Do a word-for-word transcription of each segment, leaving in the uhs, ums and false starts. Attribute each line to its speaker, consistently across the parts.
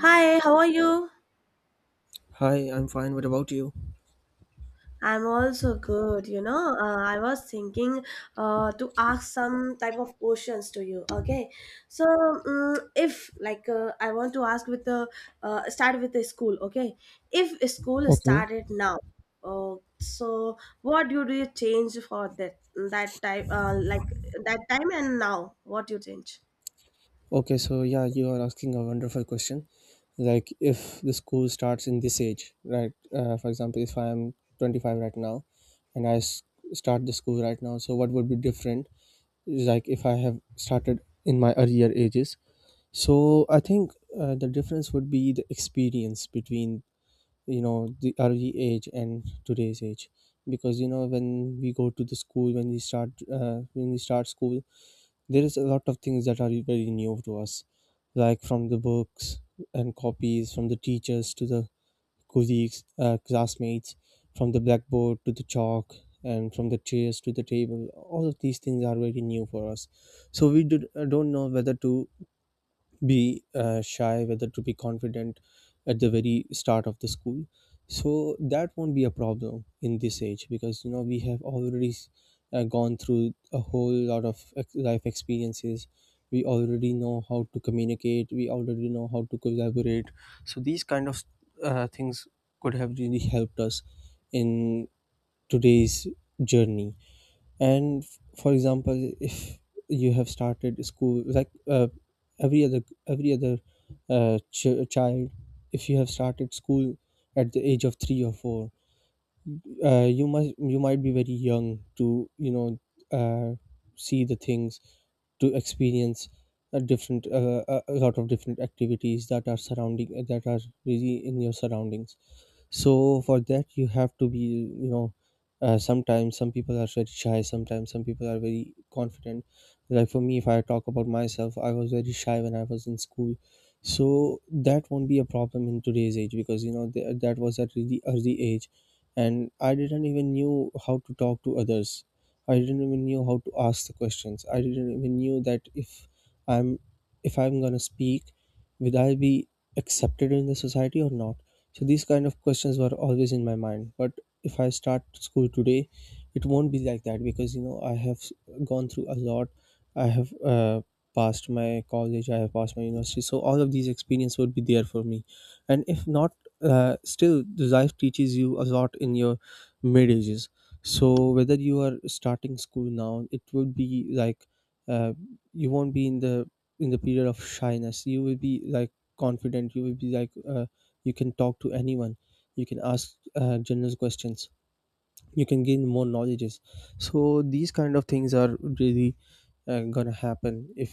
Speaker 1: Hi, how are you?
Speaker 2: Hi, I'm fine. What about you?
Speaker 1: I'm also good. You know, uh, I was thinking uh, to ask some type of questions to you. Okay, so um, if like uh, I want to ask with the uh, start with the school. Okay, if school
Speaker 2: Okay.
Speaker 1: started now, uh, so what do you change for that that type uh, like that time and now? What you change?
Speaker 2: Okay, so yeah, you are asking a wonderful question. Like if the school starts in this age, right? Uh, for example, if I am twenty-five right now and I s- start the school right now, so what would be different is like if I have started in my earlier ages. So I think uh, the difference would be the experience between, you know, the early age and today's age. Because you know when we go to the school, when we start, uh, when we start school, there is a lot of things that are very new to us, like from the books and copies, from the teachers to the colleagues, uh, classmates, from the blackboard to the chalk, and from the chairs to the table. All of these things are very new for us. So we did, uh, don't know whether to be uh, shy, whether to be confident at the very start of the school. So that won't be a problem in this age because you know we have already uh, gone through a whole lot of ex- life experiences. We already know how to communicate. We already know how to collaborate. So these kind of uh, things could have really helped us in today's journey. And f- for example, if you have started school like uh, every other every other uh, ch- child, if you have started school at the age of three or four, uh, you must you might be very young to, you know, uh, see the things, to experience a different uh, a a lot of different activities that are surrounding that are really in your surroundings. So for that you have to be, you know, uh, sometimes some people are very shy, sometimes some people are very confident. Like for me, if I talk about myself, I was very shy when I was in school. So that won't be a problem in today's age because you know th- that was at really early age and I didn't even knew how to talk to others. I didn't even knew how to ask the questions. I didn't even knew that if i'm if I'm gonna speak, will I be accepted in the society or not? So these kind of questions were always in my mind. But if I start school today, it won't be like that because you know I have s- gone through a lot. I have uh, passed my college. I have passed my university. So all of these experience would be there for me. And if not, uh, still the life teaches you a lot in your mid ages. So whether you are starting school now, it would be like uh, you won't be in the in the period of shyness. You will be like confident. You will be like, uh, you can talk to anyone. You can ask, uh, general questions. You can gain more knowledges. So these kind of things are really, uh, gonna happen if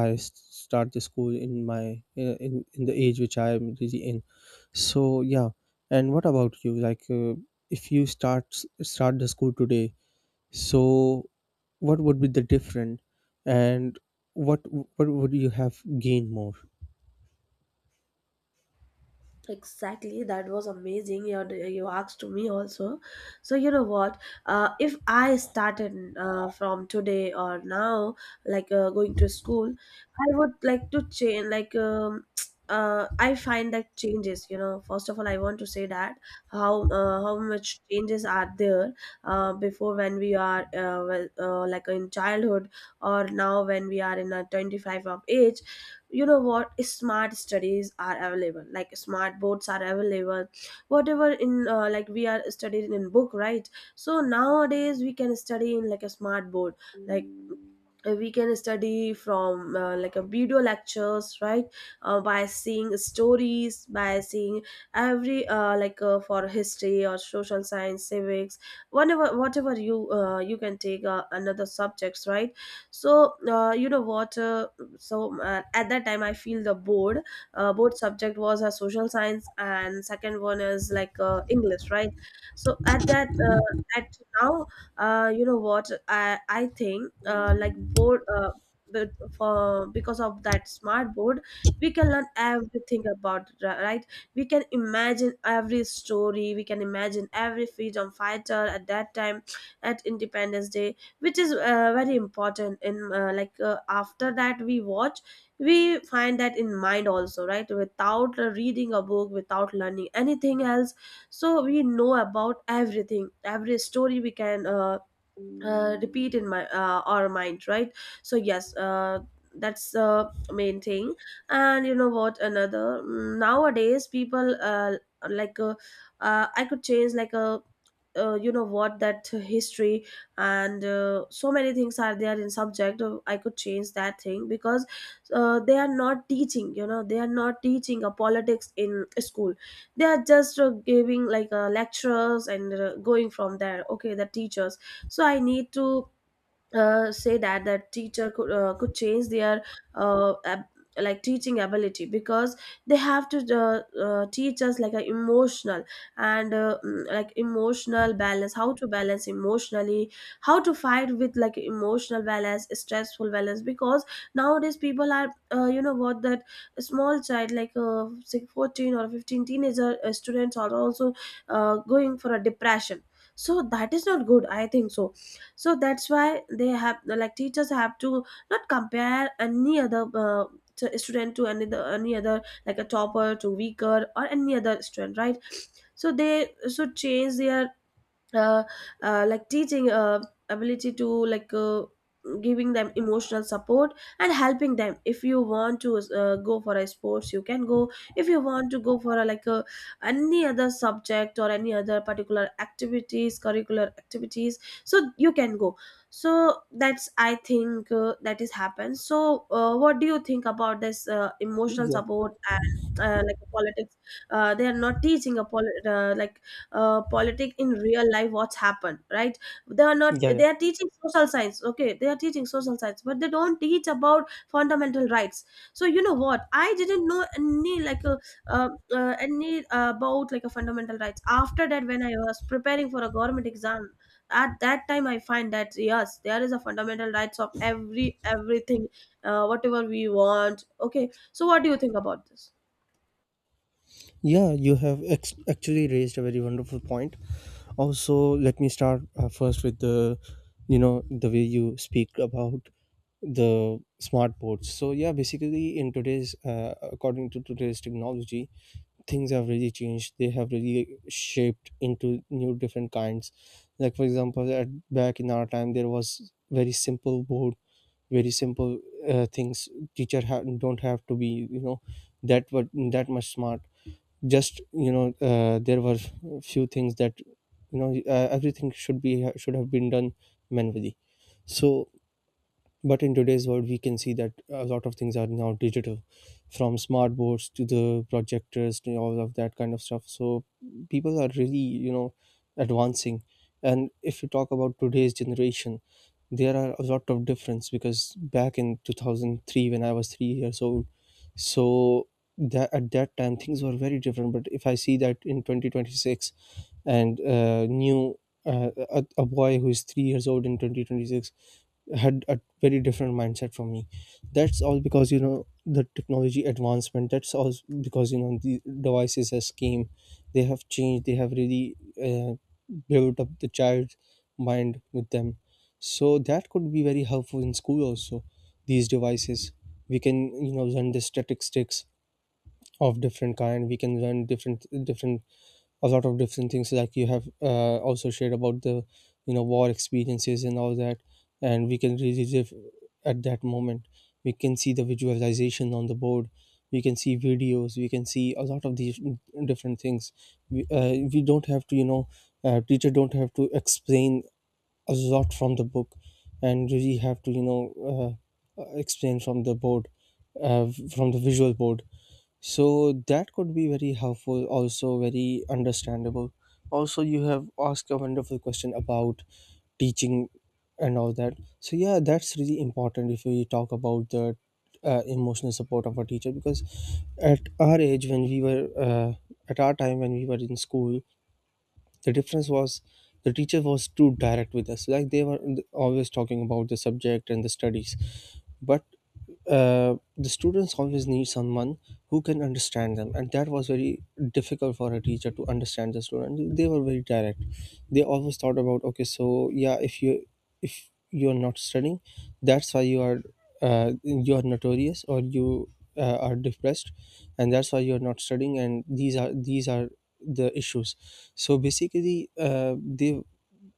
Speaker 2: i s- start the school in my uh, in, in the age which I am really in. So yeah, and what about you? Like, uh, if you start start the school today, so what would be the different, and what what would you have gained more?
Speaker 1: Exactly, that was amazing. You you asked me also. So you know what? Uh, if I started uh, from today or now, like uh, going to school, I would like to change. Like um, uh, I find that changes. You know, first of all, I want to say that how uh, how much changes are there uh, before when we are uh, well, uh, like in childhood, or now when we are in a twenty five of age. You know what, smart studies are available, like smart boards are available, whatever. In uh, like we are studying in book, right? So nowadays we can study in like a smart board, like Uh, we can study from uh, like a video lectures, right? Uh, by seeing stories, by seeing every uh, like uh, for history or social science, civics, whatever. Whatever you uh, you can take, uh, another subjects, right? So uh, you know what uh, so uh, at that time I feel the board, uh, board subject was a social science, and second one is like uh, english, right? So at that uh, at now, uh, you know what, i i think uh, like board, uh, but for because of that smart board we can learn everything about it, ri- right? We can imagine every story, we can imagine every freedom fighter at that time, at independence day, which is uh, very important in uh, like uh, after that we watch, we find that in mind also, right? Without uh, reading a book, without learning anything else. So we know about everything, every story we can uh, uh, repeat in my uh, our mind, right? So yes, uh, that's the main thing. And you know what, another mm, nowadays people, uh, like uh, uh, I could change like a, uh, you know what, that history and uh, so many things are there in subject. uh, I could change that thing because uh, they are not teaching, you know, they are not teaching a politics in school. They are just uh, giving like uh, lectures and uh, going from there, okay, the teachers. So I need to uh, say that that teacher could uh, could change their uh, ab- like teaching ability, because they have to uh, uh, teach us like a emotional and uh, mm, like emotional balance, how to balance emotionally, how to fight with like emotional balance, stressful balance, because nowadays people are, uh, you know what, that a small child, like uh, say fourteen or fifteen, teenager uh, students are also uh, going for a depression. So that is not good, I think so. So that's why they have, like teachers have to not compare any other, uh, t- student to any other, any other, like a topper to weaker or any other student, right? So they should change their uh, uh, like teaching uh, ability to like uh, giving them emotional support, and helping them. If you want to uh, go for a sports, you can go. If you want to go for a, like a any other subject or any other particular activities, curricular activities, so you can go. So that's, I think, uh, that is happened. So uh, what do you think about this uh, emotional
Speaker 2: Yeah,
Speaker 1: support and uh, like politics? Uh, they are not teaching a poli- uh, like uh, politics in real life, what's happened, right? They are not,
Speaker 2: yeah, yeah.
Speaker 1: they are teaching social science. Okay, they are teaching social science, but they don't teach about fundamental rights. So you know what, I didn't know any like a uh, uh, any uh, about like a fundamental rights. After that, when I was preparing for a government exam, at that time I find that yes, there is a fundamental rights of every everything, uh, whatever we want. Okay, so what do you think about this?
Speaker 2: Yeah, you have ex- actually raised a very wonderful point. Also, let me start uh, first with the, you know, the way you speak about the smart boards. So yeah, basically in today's, uh, according to today's technology, things have really changed. They have really shaped into new different kinds. Like for example, at, back in our time, there was very simple board, very simple uh, things. Teacher ha- don't have to be, you know, that what that much smart, just you know, uh, there were few things that, you know, uh, everything should be should have been done manually. So but in today's world we can see that a lot of things are now digital, from smart boards to the projectors to all of that kind of stuff. So people are really, you know, advancing. And if you talk about today's generation, there are a lot of difference because back in two thousand three, when I was three years old, so that at that time things were very different, but if I see that in twenty twenty-six, and uh, new uh, a, a boy who is three years old in twenty twenty-six had a very different mindset from me. That's all because you know the technology advancement. That's all because you know the devices has came. They have changed. They have really uh, built up the child's mind with them. So that could be very helpful in school also, these devices. We can, you know, learn the statistics of different kind. We can learn different different a lot of different things. Like you have, uh, also shared about the, you know, war experiences and all that, and we can really live at that moment. We can see the visualization on the board. We can see videos. We can see a lot of these different things. We, uh, we don't have to, you know, uh, teacher don't have to explain a lot from the book and really have to, you know, uh, explain from the board, uh, from the visual board. So that could be very helpful, also very understandable. Also, you have asked a wonderful question about teaching and all that. So yeah, that's really important. If we talk about the uh, emotional support of a teacher, because at our age when we were uh, at our time when we were in school, the difference was the teacher was too direct with us. Like they were always talking about the subject and the studies. But uh, the students always need someone who can understand them, and that was very difficult for a teacher to understand the student. They were very direct. They always thought about, okay, so yeah, if you if you are not studying, that's why you are, uh, you are notorious, or you uh, are depressed, and that's why you're not studying. And these are these are the issues. So basically, uh, they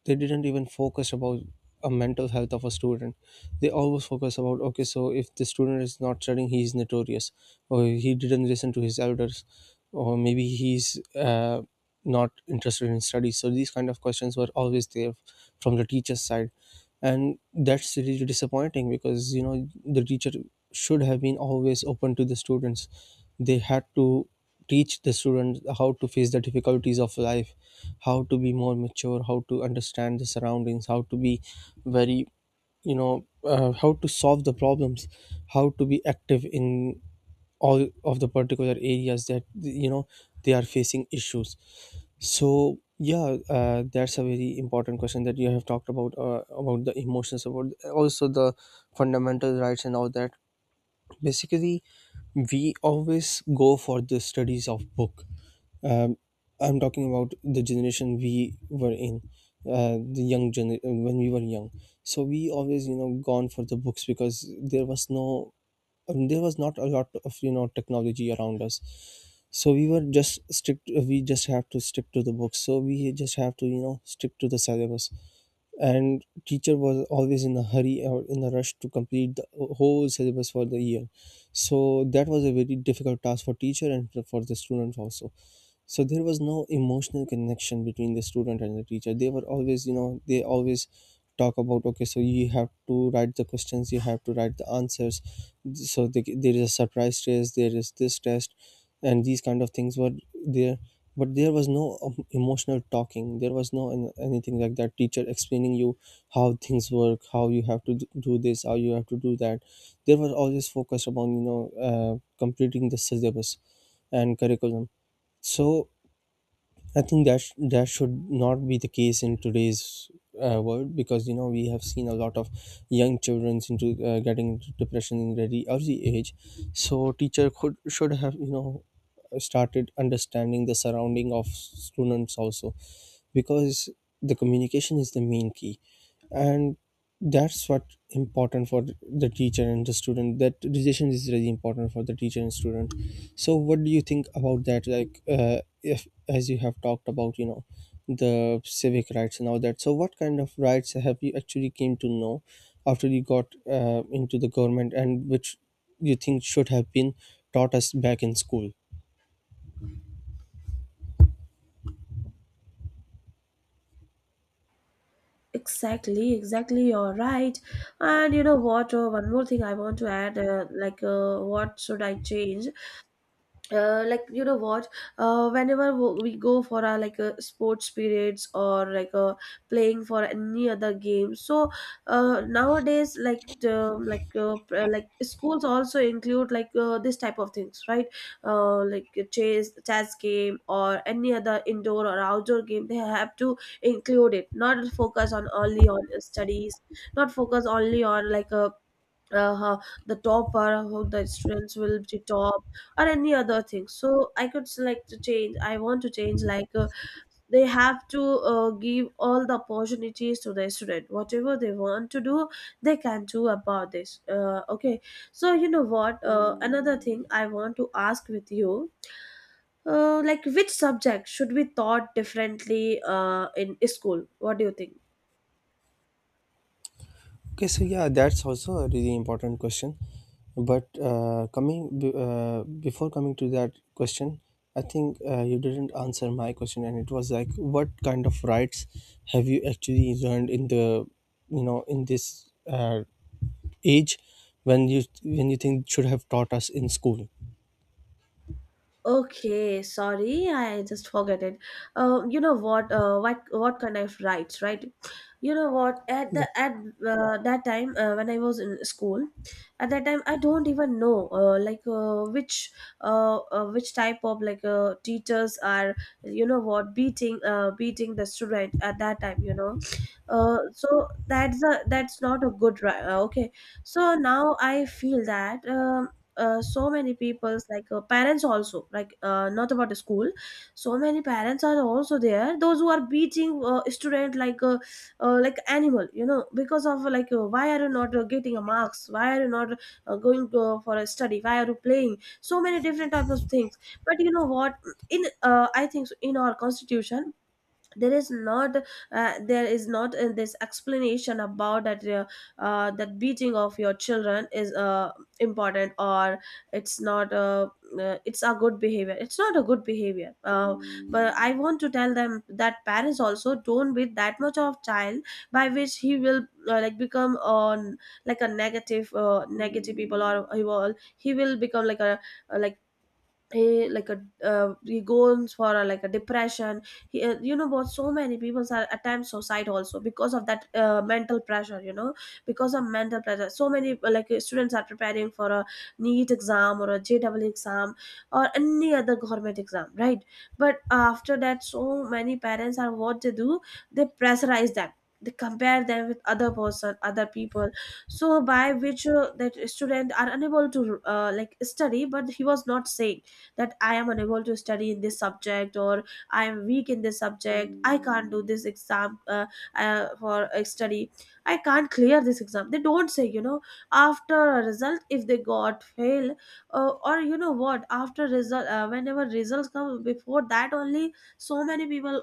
Speaker 2: they didn't even focus about a mental health of a student. They always focus about, okay, so if the student is not studying, he is notorious, or he didn't listen to his elders, or maybe he's, uh, not interested in studies. So these kind of questions were always there from the teacher's side, and that's really disappointing. Because you know the teacher should have been always open to the students. They had to teach the students how to face the difficulties of life, how to be more mature, how to understand the surroundings, how to be very, you know, uh, how to solve the problems, how to be active in all of the particular areas that, you know, they are facing issues. So yeah, uh, that's a very important question that you have talked about, uh, about the emotions, about also the fundamental rights and all that. Basically, we always go for the studies of book. um, I'm talking about the generation we were in, uh, the young gen when we were young. So we always, you know, gone for the books, because there was no, um, there was not a lot of, you know, technology around us. So we were just strict. We just have to stick to the books. So we just have to, you know, stick to the syllabus, and teacher was always in a hurry or in a rush to complete the whole syllabus for the year. So that was a very difficult task for teacher and for the students also. So there was no emotional connection between the student and the teacher. They were always, you know, they always talk about, okay, so you have to write the questions, you have to write the answers, so the, there is a surprise test, there is this test. And these kind of things were there, but there was no, um, emotional talking. There was no an- anything like that, teacher explaining you how things work, how you have to d- do this, how you have to do that. There was always focus upon, you know, uh, completing the syllabus and curriculum. So I think that sh- that should not be the case in today's uh, world, because you know we have seen a lot of young children into uh, getting into depression in very early age. So teacher could should have you know started understanding the surrounding of students also, because the communication is the main key, and that's what important for the teacher and the student. That relation is really important for the teacher and student. So what do you think about that? Like, uh, if as you have talked about, you know the civic rights and all that, so what kind of rights have you actually came to know after you got uh, into the government, and which you think should have been taught us back in school?
Speaker 1: Exactly, exactly. You're right. And you know what? Uh, one more thing I want to add, uh, like, uh, what should I change? uh, like you know what, uh, whenever wo- we go for our like a sports periods, or like a playing for any other game, so uh, nowadays like the, like uh, pr- like schools also include like uh, this type of things, right? Uh, like a chess chess game or any other indoor or outdoor game, they have to include it, not focus on only on studies, not focus only on like a uh, how the top or how the students will be top or any other thing. So I could select to change, I want to change like, uh, they have to uh, give all the opportunities to the student, whatever they want to do, they can do about this, uh, okay? So you know what, uh, another thing I want to ask with you, uh, like which subject should be taught differently uh, in school? What do you think?
Speaker 2: Okay, so yeah, that's also a really important question. But uh, coming be- uh, before coming to that question, I think uh, you didn't answer my question, and it was like, what kind of rights have you actually learned in the, you know, in this uh, age, when you when you think should have taught us in school?
Speaker 1: Okay, sorry, I just forget it. Uh, you know what? Uh, what what kind of rights, right? You know what? At the
Speaker 2: Yeah,
Speaker 1: at uh, that time uh, when I was in school, at that time I don't even know uh, like uh, which uh, uh, which type of like uh, teachers are, you know what, beating uh, beating the student at that time. You know, uh, so that's a that's not a good right. Uh, okay, so now I feel that. Um, uh, so many people's like uh, parents also, like uh, not about the school. So many parents are also there, those who are beating uh, student like uh, uh, like animal, you know, because of like uh, why are you not uh, getting a marks, why are you not uh, going to, for a study, why are you playing so many different types of things. But you know what, in uh, I think so, in our constitution, there is not uh, there is not in this explanation about that uh, uh, that beating of your children is uh, important, or it's not, uh, uh, it's a good behavior, it's not a good behavior. Uh, but I want to tell them that parents also don't beat that much of child, by which he will uh, like become on like a negative, uh, negative people, or uh, he will he will become like a like he like a uh, he goes for a, like a depression. He, uh, you know what, so many people are attempt suicide also because of that uh, mental pressure, you know. Because of mental pressure, so many uh, like uh, students are preparing for a NEET exam or a J E E exam or any other government exam, right? But after that, so many parents, are what they do, they pressurize them, they compare them with other person, other people. So by which uh, that student are unable to uh, like study, but he was not safe, that I am unable to study in this subject, or I am weak in this subject, I can't do this exam, uh, uh, for uh, study, I can't clear this exam, they don't say, you know. After a result, if they got fail, uh, or you know what, after result, uh, whenever results come, before that only so many people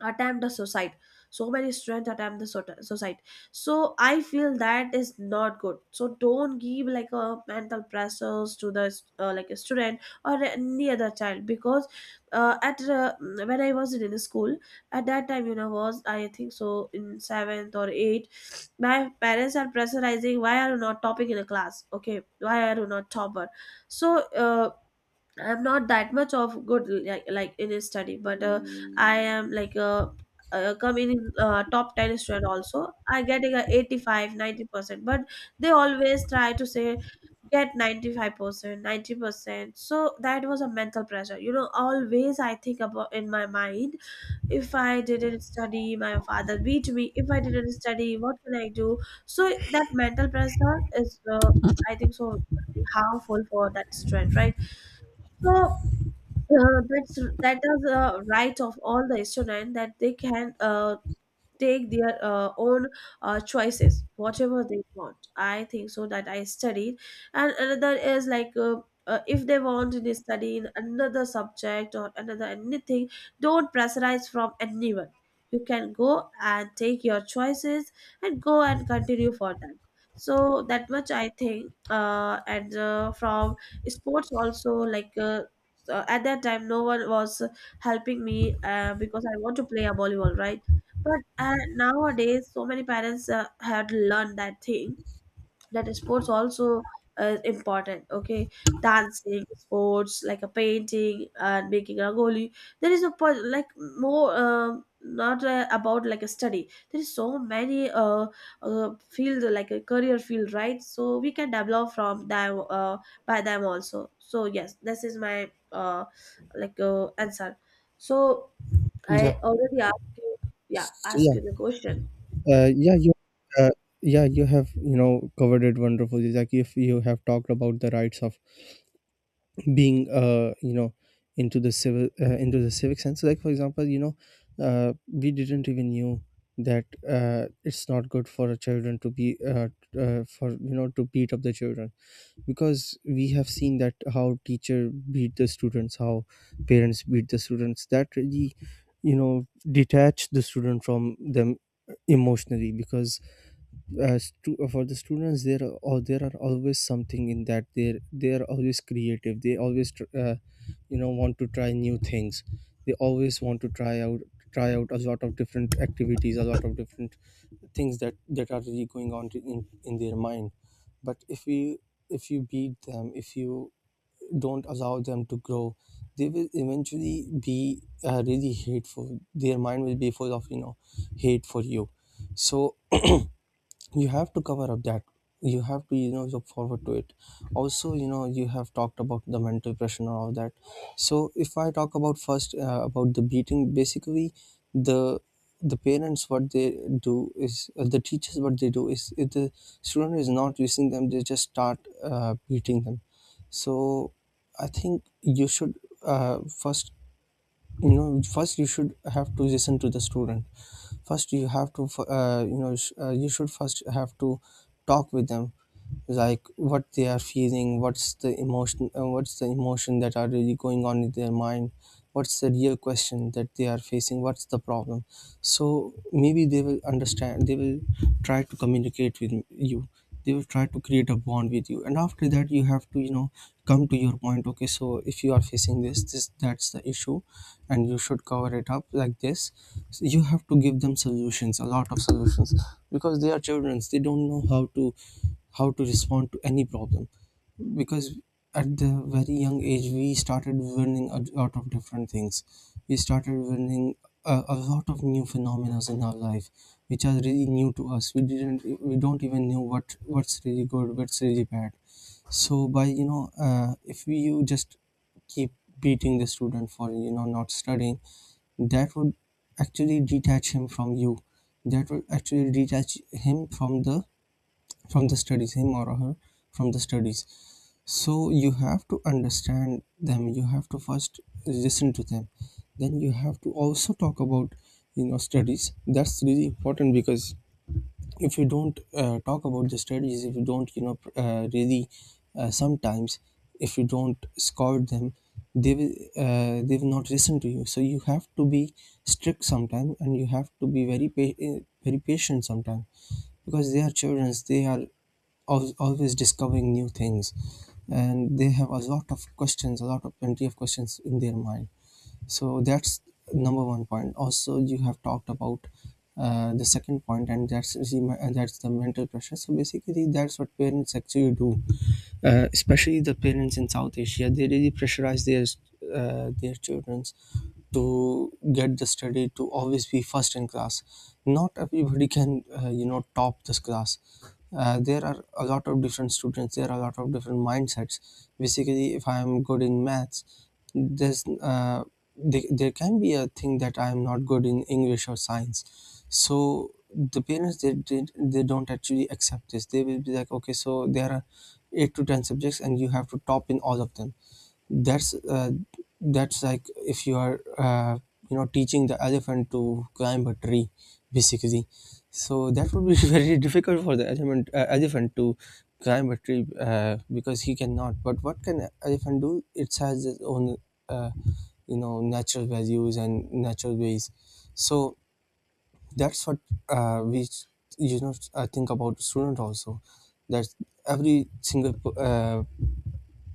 Speaker 1: attempt the suicide, so many students attempt the sot- suicide. So I feel that is not good. So don't give like a mental pressures to the uh, like a student or any other child because, uh, at uh, when I was in school, at that time, you know, was I think so in seventh or eighth, my parents are pressurizing, why are you not topping in a class, okay, why are you not topper? So uh, I'm not that much of good like, like in a study, but uh, I am like a, uh come in uh, top ten student also. I getting a eighty five, ninety percent, but they always try to say get 95%, ninety percent. So that was a mental pressure. You know, always I think about in my mind, if I didn't study, my father beat me. If I didn't study, what can I do? So that mental pressure is, uh, I think so, very harmful for that student, right? So uh, that's that is a right of all the student that they can uh, take their uh, own uh, choices whatever they want, I think so that I studied. And another is like uh, uh, if they want to study in another subject or another anything, don't pressurize from anyone. You can go and take your choices and go and continue for that. So that much I think, uh, and uh, from sports also like uh, so at that time no one was helping me, uh, because I want to play a volleyball, right? But uh, nowadays, so many parents uh, had learned that thing, that sports also uh, is important. Okay, dancing, sports like a painting and making rangoli. There is a po- like more, um, not uh, about like a study. There is so many uh, uh field like a career field, right? So we can develop from them uh, by them also. So yes, this is my uh like uh, answer. So
Speaker 2: yeah.
Speaker 1: I already asked you, yeah,
Speaker 2: So,
Speaker 1: asked
Speaker 2: yeah,
Speaker 1: you the question.
Speaker 2: uh, yeah. You, uh, yeah, you have, you know, covered it wonderfully. Like, if you have talked about the rights of being, uh, you know, into the civil uh, into the civic sense, like for example, you know, uh, we didn't even knew that, uh, it's not good for a children to be uh, uh, for you know to beat up the children. Because we have seen that how teacher beat the students, how parents beat the students, that really, you know, detach the student from them emotionally. Because, uh, stu- for the students there are, or there are always something in that, they they are always creative. They always tr- uh, you know, want to try new things. They always want to try out, try out a lot of different activities, a lot of different things that that are really going on in in their mind. But if you, if you beat them, if you don't allow them to grow, they will eventually be, uh, really hateful. Their mind will be full of, you know, hate for you. So you have to cover up that. You have to, you know, look forward to it. Also, you know, you have talked about the mental pressure and all of that. So if I talk about first, uh, about the beating, basically, the the parents, what they do is, uh, the teachers, what they do is, if the student is not using them, they just start uh, beating them. So I think you should, uh, first, you know, first you should have to listen to the student. First you have to, uh, you know sh- uh, you should first have to talk with them, like what they are feeling, what's the emotion uh, what's the emotion that are really going on in their mind, what's the real question that they are facing, what's the problem. So maybe they will understand, they will try to communicate with you, they will try to create a bond with you. And after that, you have to, you know, come to your point. Okay, so if you are facing this, this, that's the issue, and you should cover it up like this. So you have to give them solutions, a lot of solutions, because they are children, they don't know how to, how to respond to any problem. Because at the very young age, we started learning a lot of different things. We started learning a, a lot of new phenomena in our life, which are really new to us. We didn't, we don't even know what, what's really good, what's really bad. So by, you know, uh, if we, you just keep beating the student for, you know, not studying, that would actually detach him from you. That would actually detach him from the, from the studies, him or her, from the studies. So you have to understand them. You have to first listen to them. Then you have to also talk about, you know, studies. That's really important, because if you don't, uh, talk about the strategies, if you don't, you know, pr- uh, really, uh, sometimes, if you don't scout them, they will, uh, they will not listen to you. So you have to be strict sometimes, and you have to be very pa- uh, very patient sometimes, because they are children, they are al- always discovering new things, and they have a lot of questions, a lot of plenty of questions in their mind. So that's number one point. Also you have talked about, uh, the second point, and that's the me- uh, that's the mental pressure. So basically that's what parents actually do, uh, especially the parents in south asia. They really pressurize their, uh, their children to get the study, to always be first in class. Not everybody can, uh, you know, top this class. Uh, there are a lot of different students, there are a lot of different mindsets. Basically, if I am good in maths, there's uh, they, there can be a thing that I am not good in english or science. So the parents, they did they don't actually accept this. They will be like, okay, so there are eight to ten subjects and you have to top in all of them. That's, uh, that's like, if you are, uh, you know, teaching the elephant to climb a tree, basically. So that would be very difficult for the elephant uh, elephant to climb a tree, uh, because he cannot. But what can a elephant do? It has its own, uh, you know, natural values and natural ways. So that's what, uh, we, you know, I think about student also, that every single p- uh,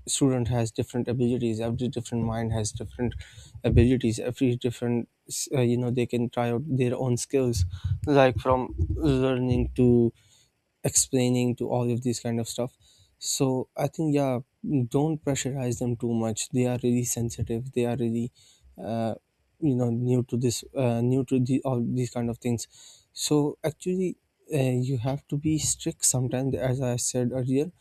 Speaker 2: student has different abilities. Every different mind has different abilities, every different, uh, you know, they can try out their own skills, like from learning to explaining to all of these kind of stuff. So I think, yeah, don't pressurize them too much. They are really sensitive, they are really, uh, you know, new to this, uh, new to the, all these kind of things. So actually, uh, you have to be strict sometimes, as I said earlier.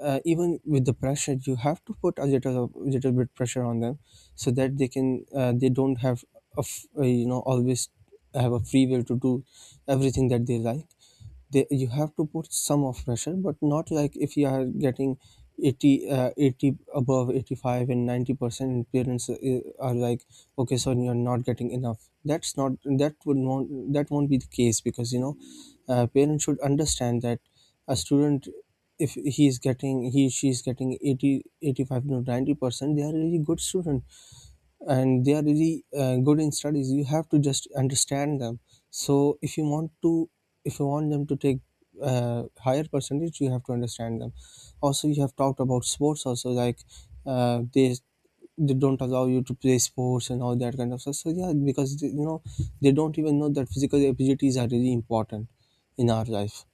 Speaker 2: uh, Even with the pressure, you have to put a little little bit pressure on them, so that they can, uh, they don't have a f- uh, you know, always have a free will to do everything that they like. They, you have to put some of pressure, but not like, if you are getting eighty uh, eighty above eighty-five and ninety percent, parents, uh, are like, okay, so you're not getting enough. That's not, that would not, that won't be the case, because you know, uh, parents should understand that a student, if he is getting he she is getting eighty eighty five eighty-five to ninety percent, they are a really good student, and they are really, uh, good in studies. You have to just understand them. So if you want to, if you want them to take, uh, higher percentage, you have to understand them. Also you have talked about sports also, like, uh, they they don't allow you to play sports and all that kind of stuff. So yeah, because they, you know, they don't even know that physical abilities are really important in our life.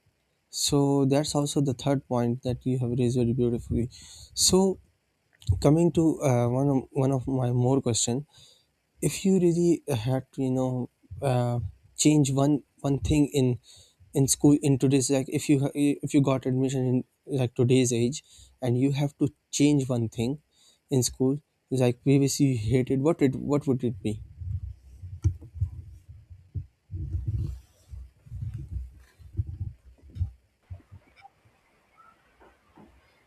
Speaker 2: So that's also the third point that you have raised very beautifully. So coming to, uh, one of, one of my more question, if you really had to, you know, uh, change one one thing in in school in today's, like if you ha- if you got admission in, like, today's age, and you have to change one thing in school, like previously you hated, what it, what would it be?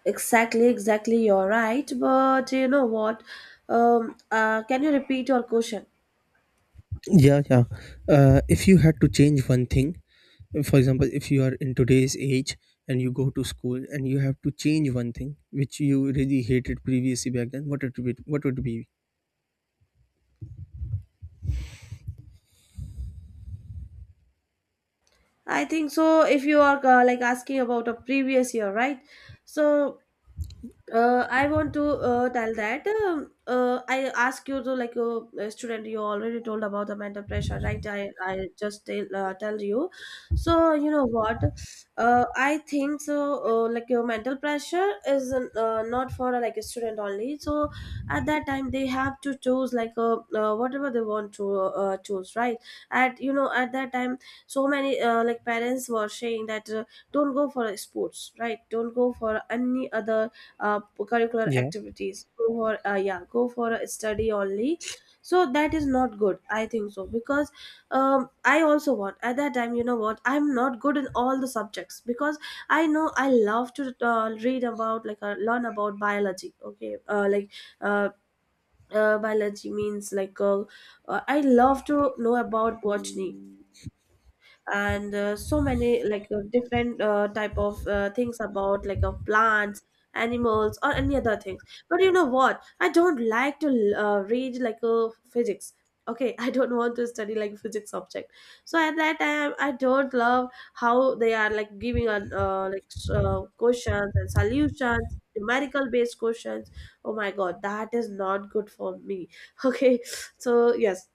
Speaker 1: Exactly, exactly. You're right. But you know what? Um, uh, can you repeat your question?
Speaker 2: Yeah, yeah, uh, if you had to change one thing, for example, if you are in today's age and you go to school and you have to change one thing which you really hated previously back then, what it would, what would it be?
Speaker 1: I think so. If you are uh, like asking about a previous year, right? So uh, I want to uh, tell that, um, uh, I ask you to like uh, a uh, student. You already told about the mental pressure, right? I I just tell uh, tell you. So you know what? Uh, I think so. Uh, like your mental pressure is uh, not for uh, like a student only. So at that time they have to choose like a, uh, whatever they want to uh, choose, right? At, you know, at that time, so many uh, like parents were saying that, uh, don't go for sports, right? Don't go for any other uh, curricular
Speaker 2: Yeah,
Speaker 1: activities, go for uh, yeah, go for a study only. So that is not good, I think so, because um, I also want at that time, you know what, I'm not good in all the subjects because I know I love to uh, read about like uh, learn about biology. Okay, uh, like uh, uh, biology means like uh, uh, I love to know about botany and uh, so many like, uh, different uh, type of uh, things about like uh, plants, animals or any other things. But you know what, I don't like to uh, read like uh, physics. Okay, I don't want to study like physics subject. So at that time I don't love how they are like giving on, uh, like s- uh, questions and solutions, numerical based questions. Oh my god, that is not good for me. Okay, so yes.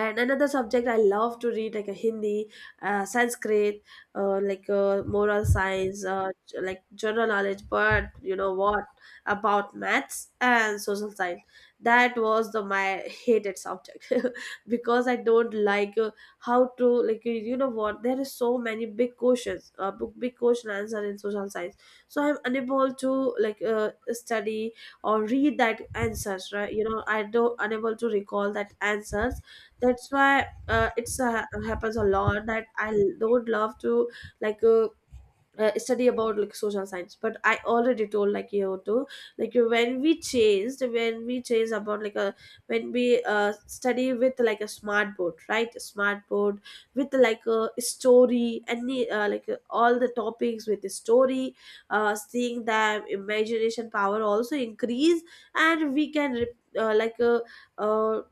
Speaker 1: And another subject I love to read like a Hindi, uh, Sanskrit, uh, like uh, moral science, uh, j- like general knowledge. But you know what, about maths and social science, that was the my hated subject. Because I don't like, uh, how to like, you you know what, there is so many big questions, uh, big, big question answer in social science. So I'm unable to like uh, study or read that answers, right? You know, I don't, unable to recall that answers. That's why uh, it's uh, happens a lot that I l- don't love to like uh, uh, study about like social science. But I already told like you too, like when we chased when we chase about like a, when we uh, study with like a smart board, right? A smart board with like a story, any, uh, like uh, all the topics with the story, uh, seeing that, imagination power also increase. And we can re- uh, like uh, uh,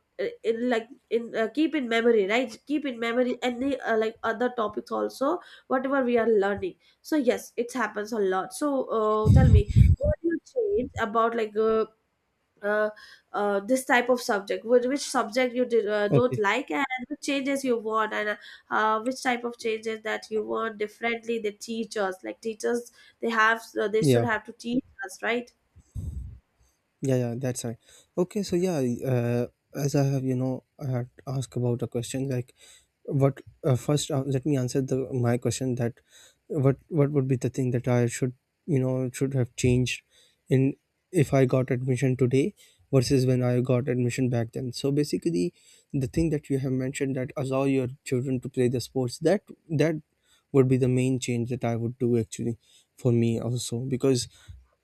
Speaker 1: in like in uh, keep in memory, right? Keep in memory any, uh, like other topics also, whatever we are learning. So yes, it happens a lot. So uh, tell me, what do you change about like uh, uh, uh, this type of subject? Which, which subject you did, uh, don't
Speaker 2: okay,
Speaker 1: like, and which changes you want, and, uh, uh, which type of changes that you want differently? The teachers, like teachers, they have, uh, they should
Speaker 2: yeah.
Speaker 1: have to teach us, right?
Speaker 2: Yeah, yeah, that's right. Okay, so yeah, uh, as I have, you know, I had asked about a question, like, what uh, first uh, let me answer the my question, that what what would be the thing that I should, you know, should have changed in, if I got admission today versus when I got admission back then. So basically, the thing that you have mentioned, that allow your children to play the sports, that that would be the main change that I would do, actually, for me also, because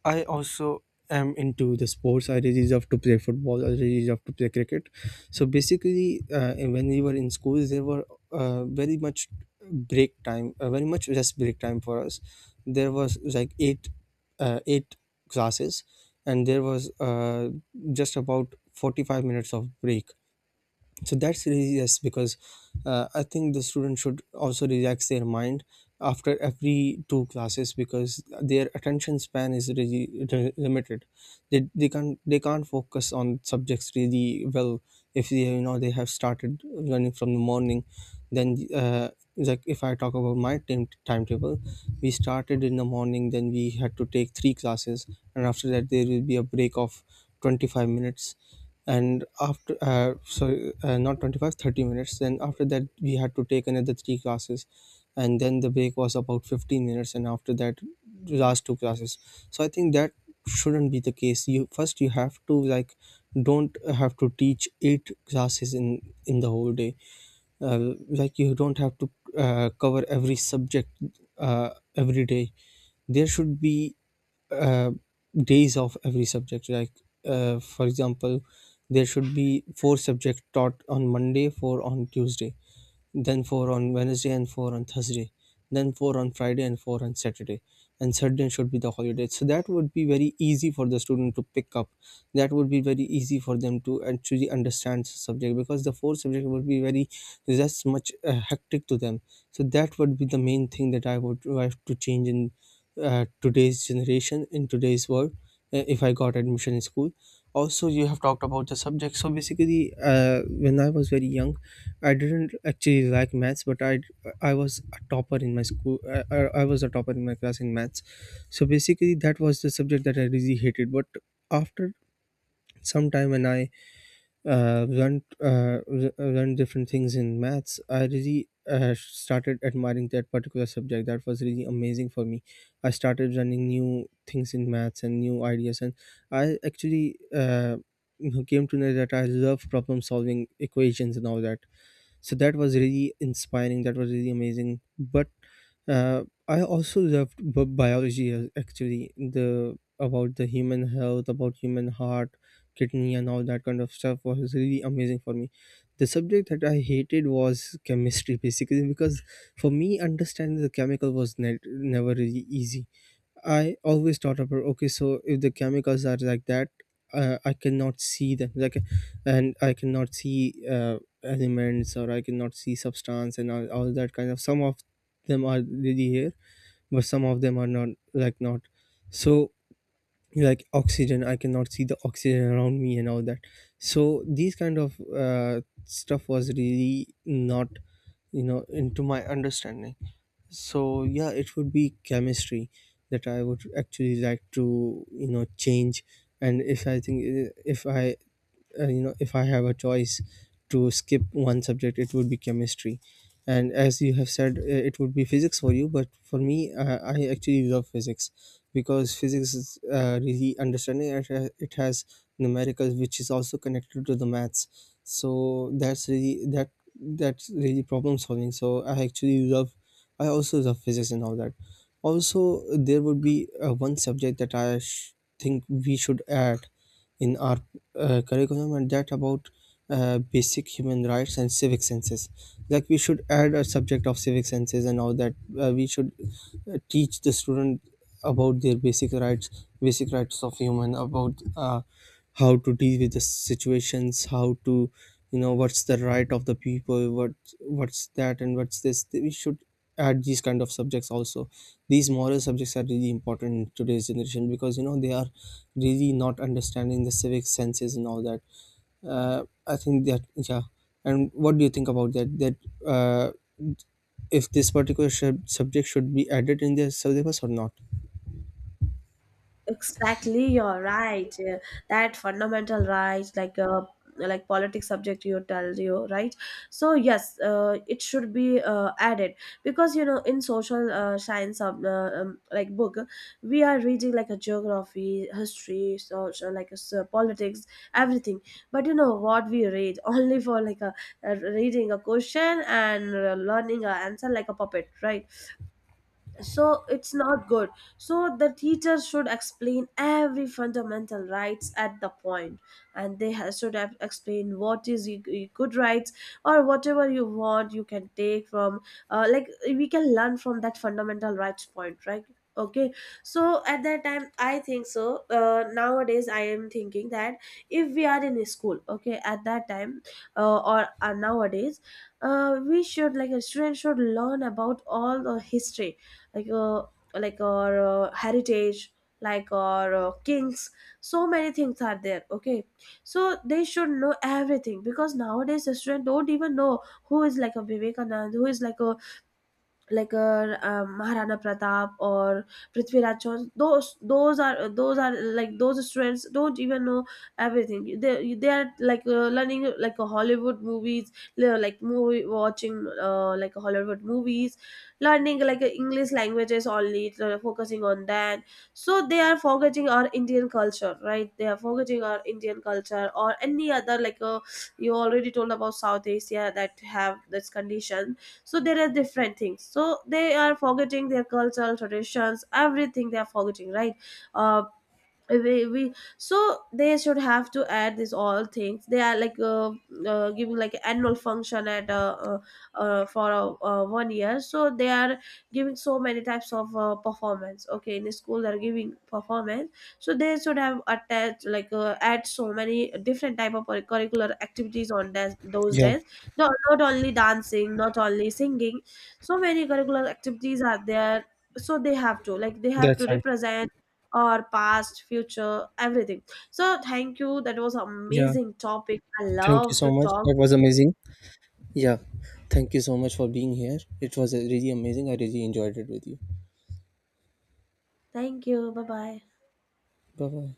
Speaker 2: I also am into the sports. I really love to play football, I really love to play cricket. So basically, uh, when we were in school, there were, uh, very much break time, uh, very much rest break time for us. There was like eight, uh, eight classes, and there was uh, just about forty-five minutes of break. So that's really yes because uh, I think the student should also relax their mind after every two classes because their attention span is really re- limited. They, they can't they can't focus on subjects really well if they, you know, they have started learning from the morning. Then uh, Like if I talk about my time timetable, we started in the morning, then we had to take three classes, and after that there will be a break of twenty-five minutes. And after uh, sorry, uh, not twenty five, thirty minutes. Then after that we had to take another three classes, and then the break was about fifteen minutes, and after that the last two classes. So I think that shouldn't be the case. You first, you have to like, don't have to teach eight classes in in the whole day. Uh, like you don't have to uh, cover every subject uh, every day. There should be uh, days of every subject, like uh, for example, there should be four subjects taught on Monday, four on Tuesday, then four on Wednesday and four on Thursday, then four on Friday and four on Saturday, and Sunday should be the holiday. So that would be very easy for the student to pick up. That would be very easy for them to actually understand the subject because the four subject would be very just much uh, hectic to them. So that would be the main thing that I would have to change in uh, today's generation, in today's world, uh, if I got admission in school. Also, you have talked about the subject. So basically, uh, when I was very young, I didn't actually like maths, but i i was a topper in my school. I, I, I was a topper in my class in maths. So basically that was the subject that I really hated, but after some time when I uh, learned, uh, re- learned different things in maths, I really uh, started admiring that particular subject. That was really amazing for me. I started learning new things in maths and new ideas, and I actually uh, came to know that I love problem solving equations and all that. So that was really inspiring, that was really amazing. But uh, I also loved b- biology, as- actually the about the human health, about human heart, kidney and all that kind of stuff was really amazing for me. The subject that I hated was chemistry, basically because for me, understanding the chemical was ne- never really easy. I always thought about, okay, so if the chemicals are like that, uh, I cannot see them, like, and I cannot see uh, elements, or I cannot see substance and all, all that kind of. Some of them are really here, but some of them are not, like not. So like oxygen, I cannot see the oxygen around me and all that. So these kind of uh, stuff was really not, you know, into my understanding. So yeah, it would be chemistry that I would actually like to, you know, change. And if I think, if I uh, you know, if I have a choice to skip one subject, it would be chemistry. And as you have said, uh, it would be physics for you, but for me, uh, I actually love physics because physics is, uh, really understanding it, ha- it has numericals, which is also connected to the maths, so that's really that that's really problem solving. So I actually love, I also love physics and all that. Also, there would be uh, one subject that I sh- think we should add in our uh, curriculum, and that about uh, basic human rights and civic senses. Like we should add a subject of civic senses and all that. Uh, we should uh, teach the student about their basic rights, basic rights of human, about uh, how to deal with the situations, how to, you know, what's the right of the people, what what's that and what's this. We should add these kind of subjects also. These moral subjects are really important in today's generation because you know they are really not understanding the civic senses and all that. uh, I think that, yeah. And what do you think about that? That uh, if this particular sub- subject should be added in their syllabus or not?
Speaker 1: Exactly, you're right. Yeah, that fundamental right, like a, like politics subject, you tell you, right? So yes, uh, it should be uh, added, because you know in social uh, science of, uh, um, like book, we are reading like a geography, history, social like s- uh, so politics, everything. But you know what, we read only for like a, a reading a question and uh, learning a answer like a puppet, right? So it's not good. So the teacher should explain every fundamental rights at the point, and they ha- should have explained what is e- e- good rights, or whatever you want you can take from, uh, like we can learn from that fundamental rights point, right? Okay, so at that time I think so, uh, nowadays I am thinking that if we are in a school, okay at that time, uh, or uh, nowadays, uh, we should like, a student should learn about all the history, like uh, like our uh, heritage, like our uh, kings, so many things are there. Okay, so they should know everything, because nowadays the student don't even know who is like a Vivekanand, who is like a, like uh, um, Maharana Pratap or Prithviraj Chauhan. Those those are those are like, those students don't even know everything. They they are like uh, learning like a Hollywood movies, le- like movie watching, uh, like Hollywood movies, learning like uh, English languages only, uh, focusing on that. So they are forgetting our Indian culture, right? They are forgetting our Indian culture, or any other like, uh, you already told about South Asia that have this condition. So there are different things, so they are forgetting their cultural traditions, everything they are forgetting, right? Uh, we, we so they should have to add this all things. They are like, uh, uh, giving like annual function at, uh, uh, uh, for uh, uh, one year, so they are giving so many types of uh, performance. Okay, in a school they are giving performance. So they should have attached like, uh, add so many different type of curricular activities on that, those
Speaker 2: Yeah,
Speaker 1: days. Not, not only dancing, not only singing, so many curricular activities are there. So they have to like, they have to
Speaker 2: that's right.
Speaker 1: represent, or past, future, everything. So thank you, that was
Speaker 2: Yeah,
Speaker 1: amazing topic, I
Speaker 2: thank you
Speaker 1: love
Speaker 2: so
Speaker 1: to
Speaker 2: much.
Speaker 1: talk
Speaker 2: That
Speaker 1: with
Speaker 2: was
Speaker 1: you.
Speaker 2: amazing. Yeah, thank you so much for being here. It was uh, really amazing. I really enjoyed it with you.
Speaker 1: Thank you, bye bye.
Speaker 2: Bye bye.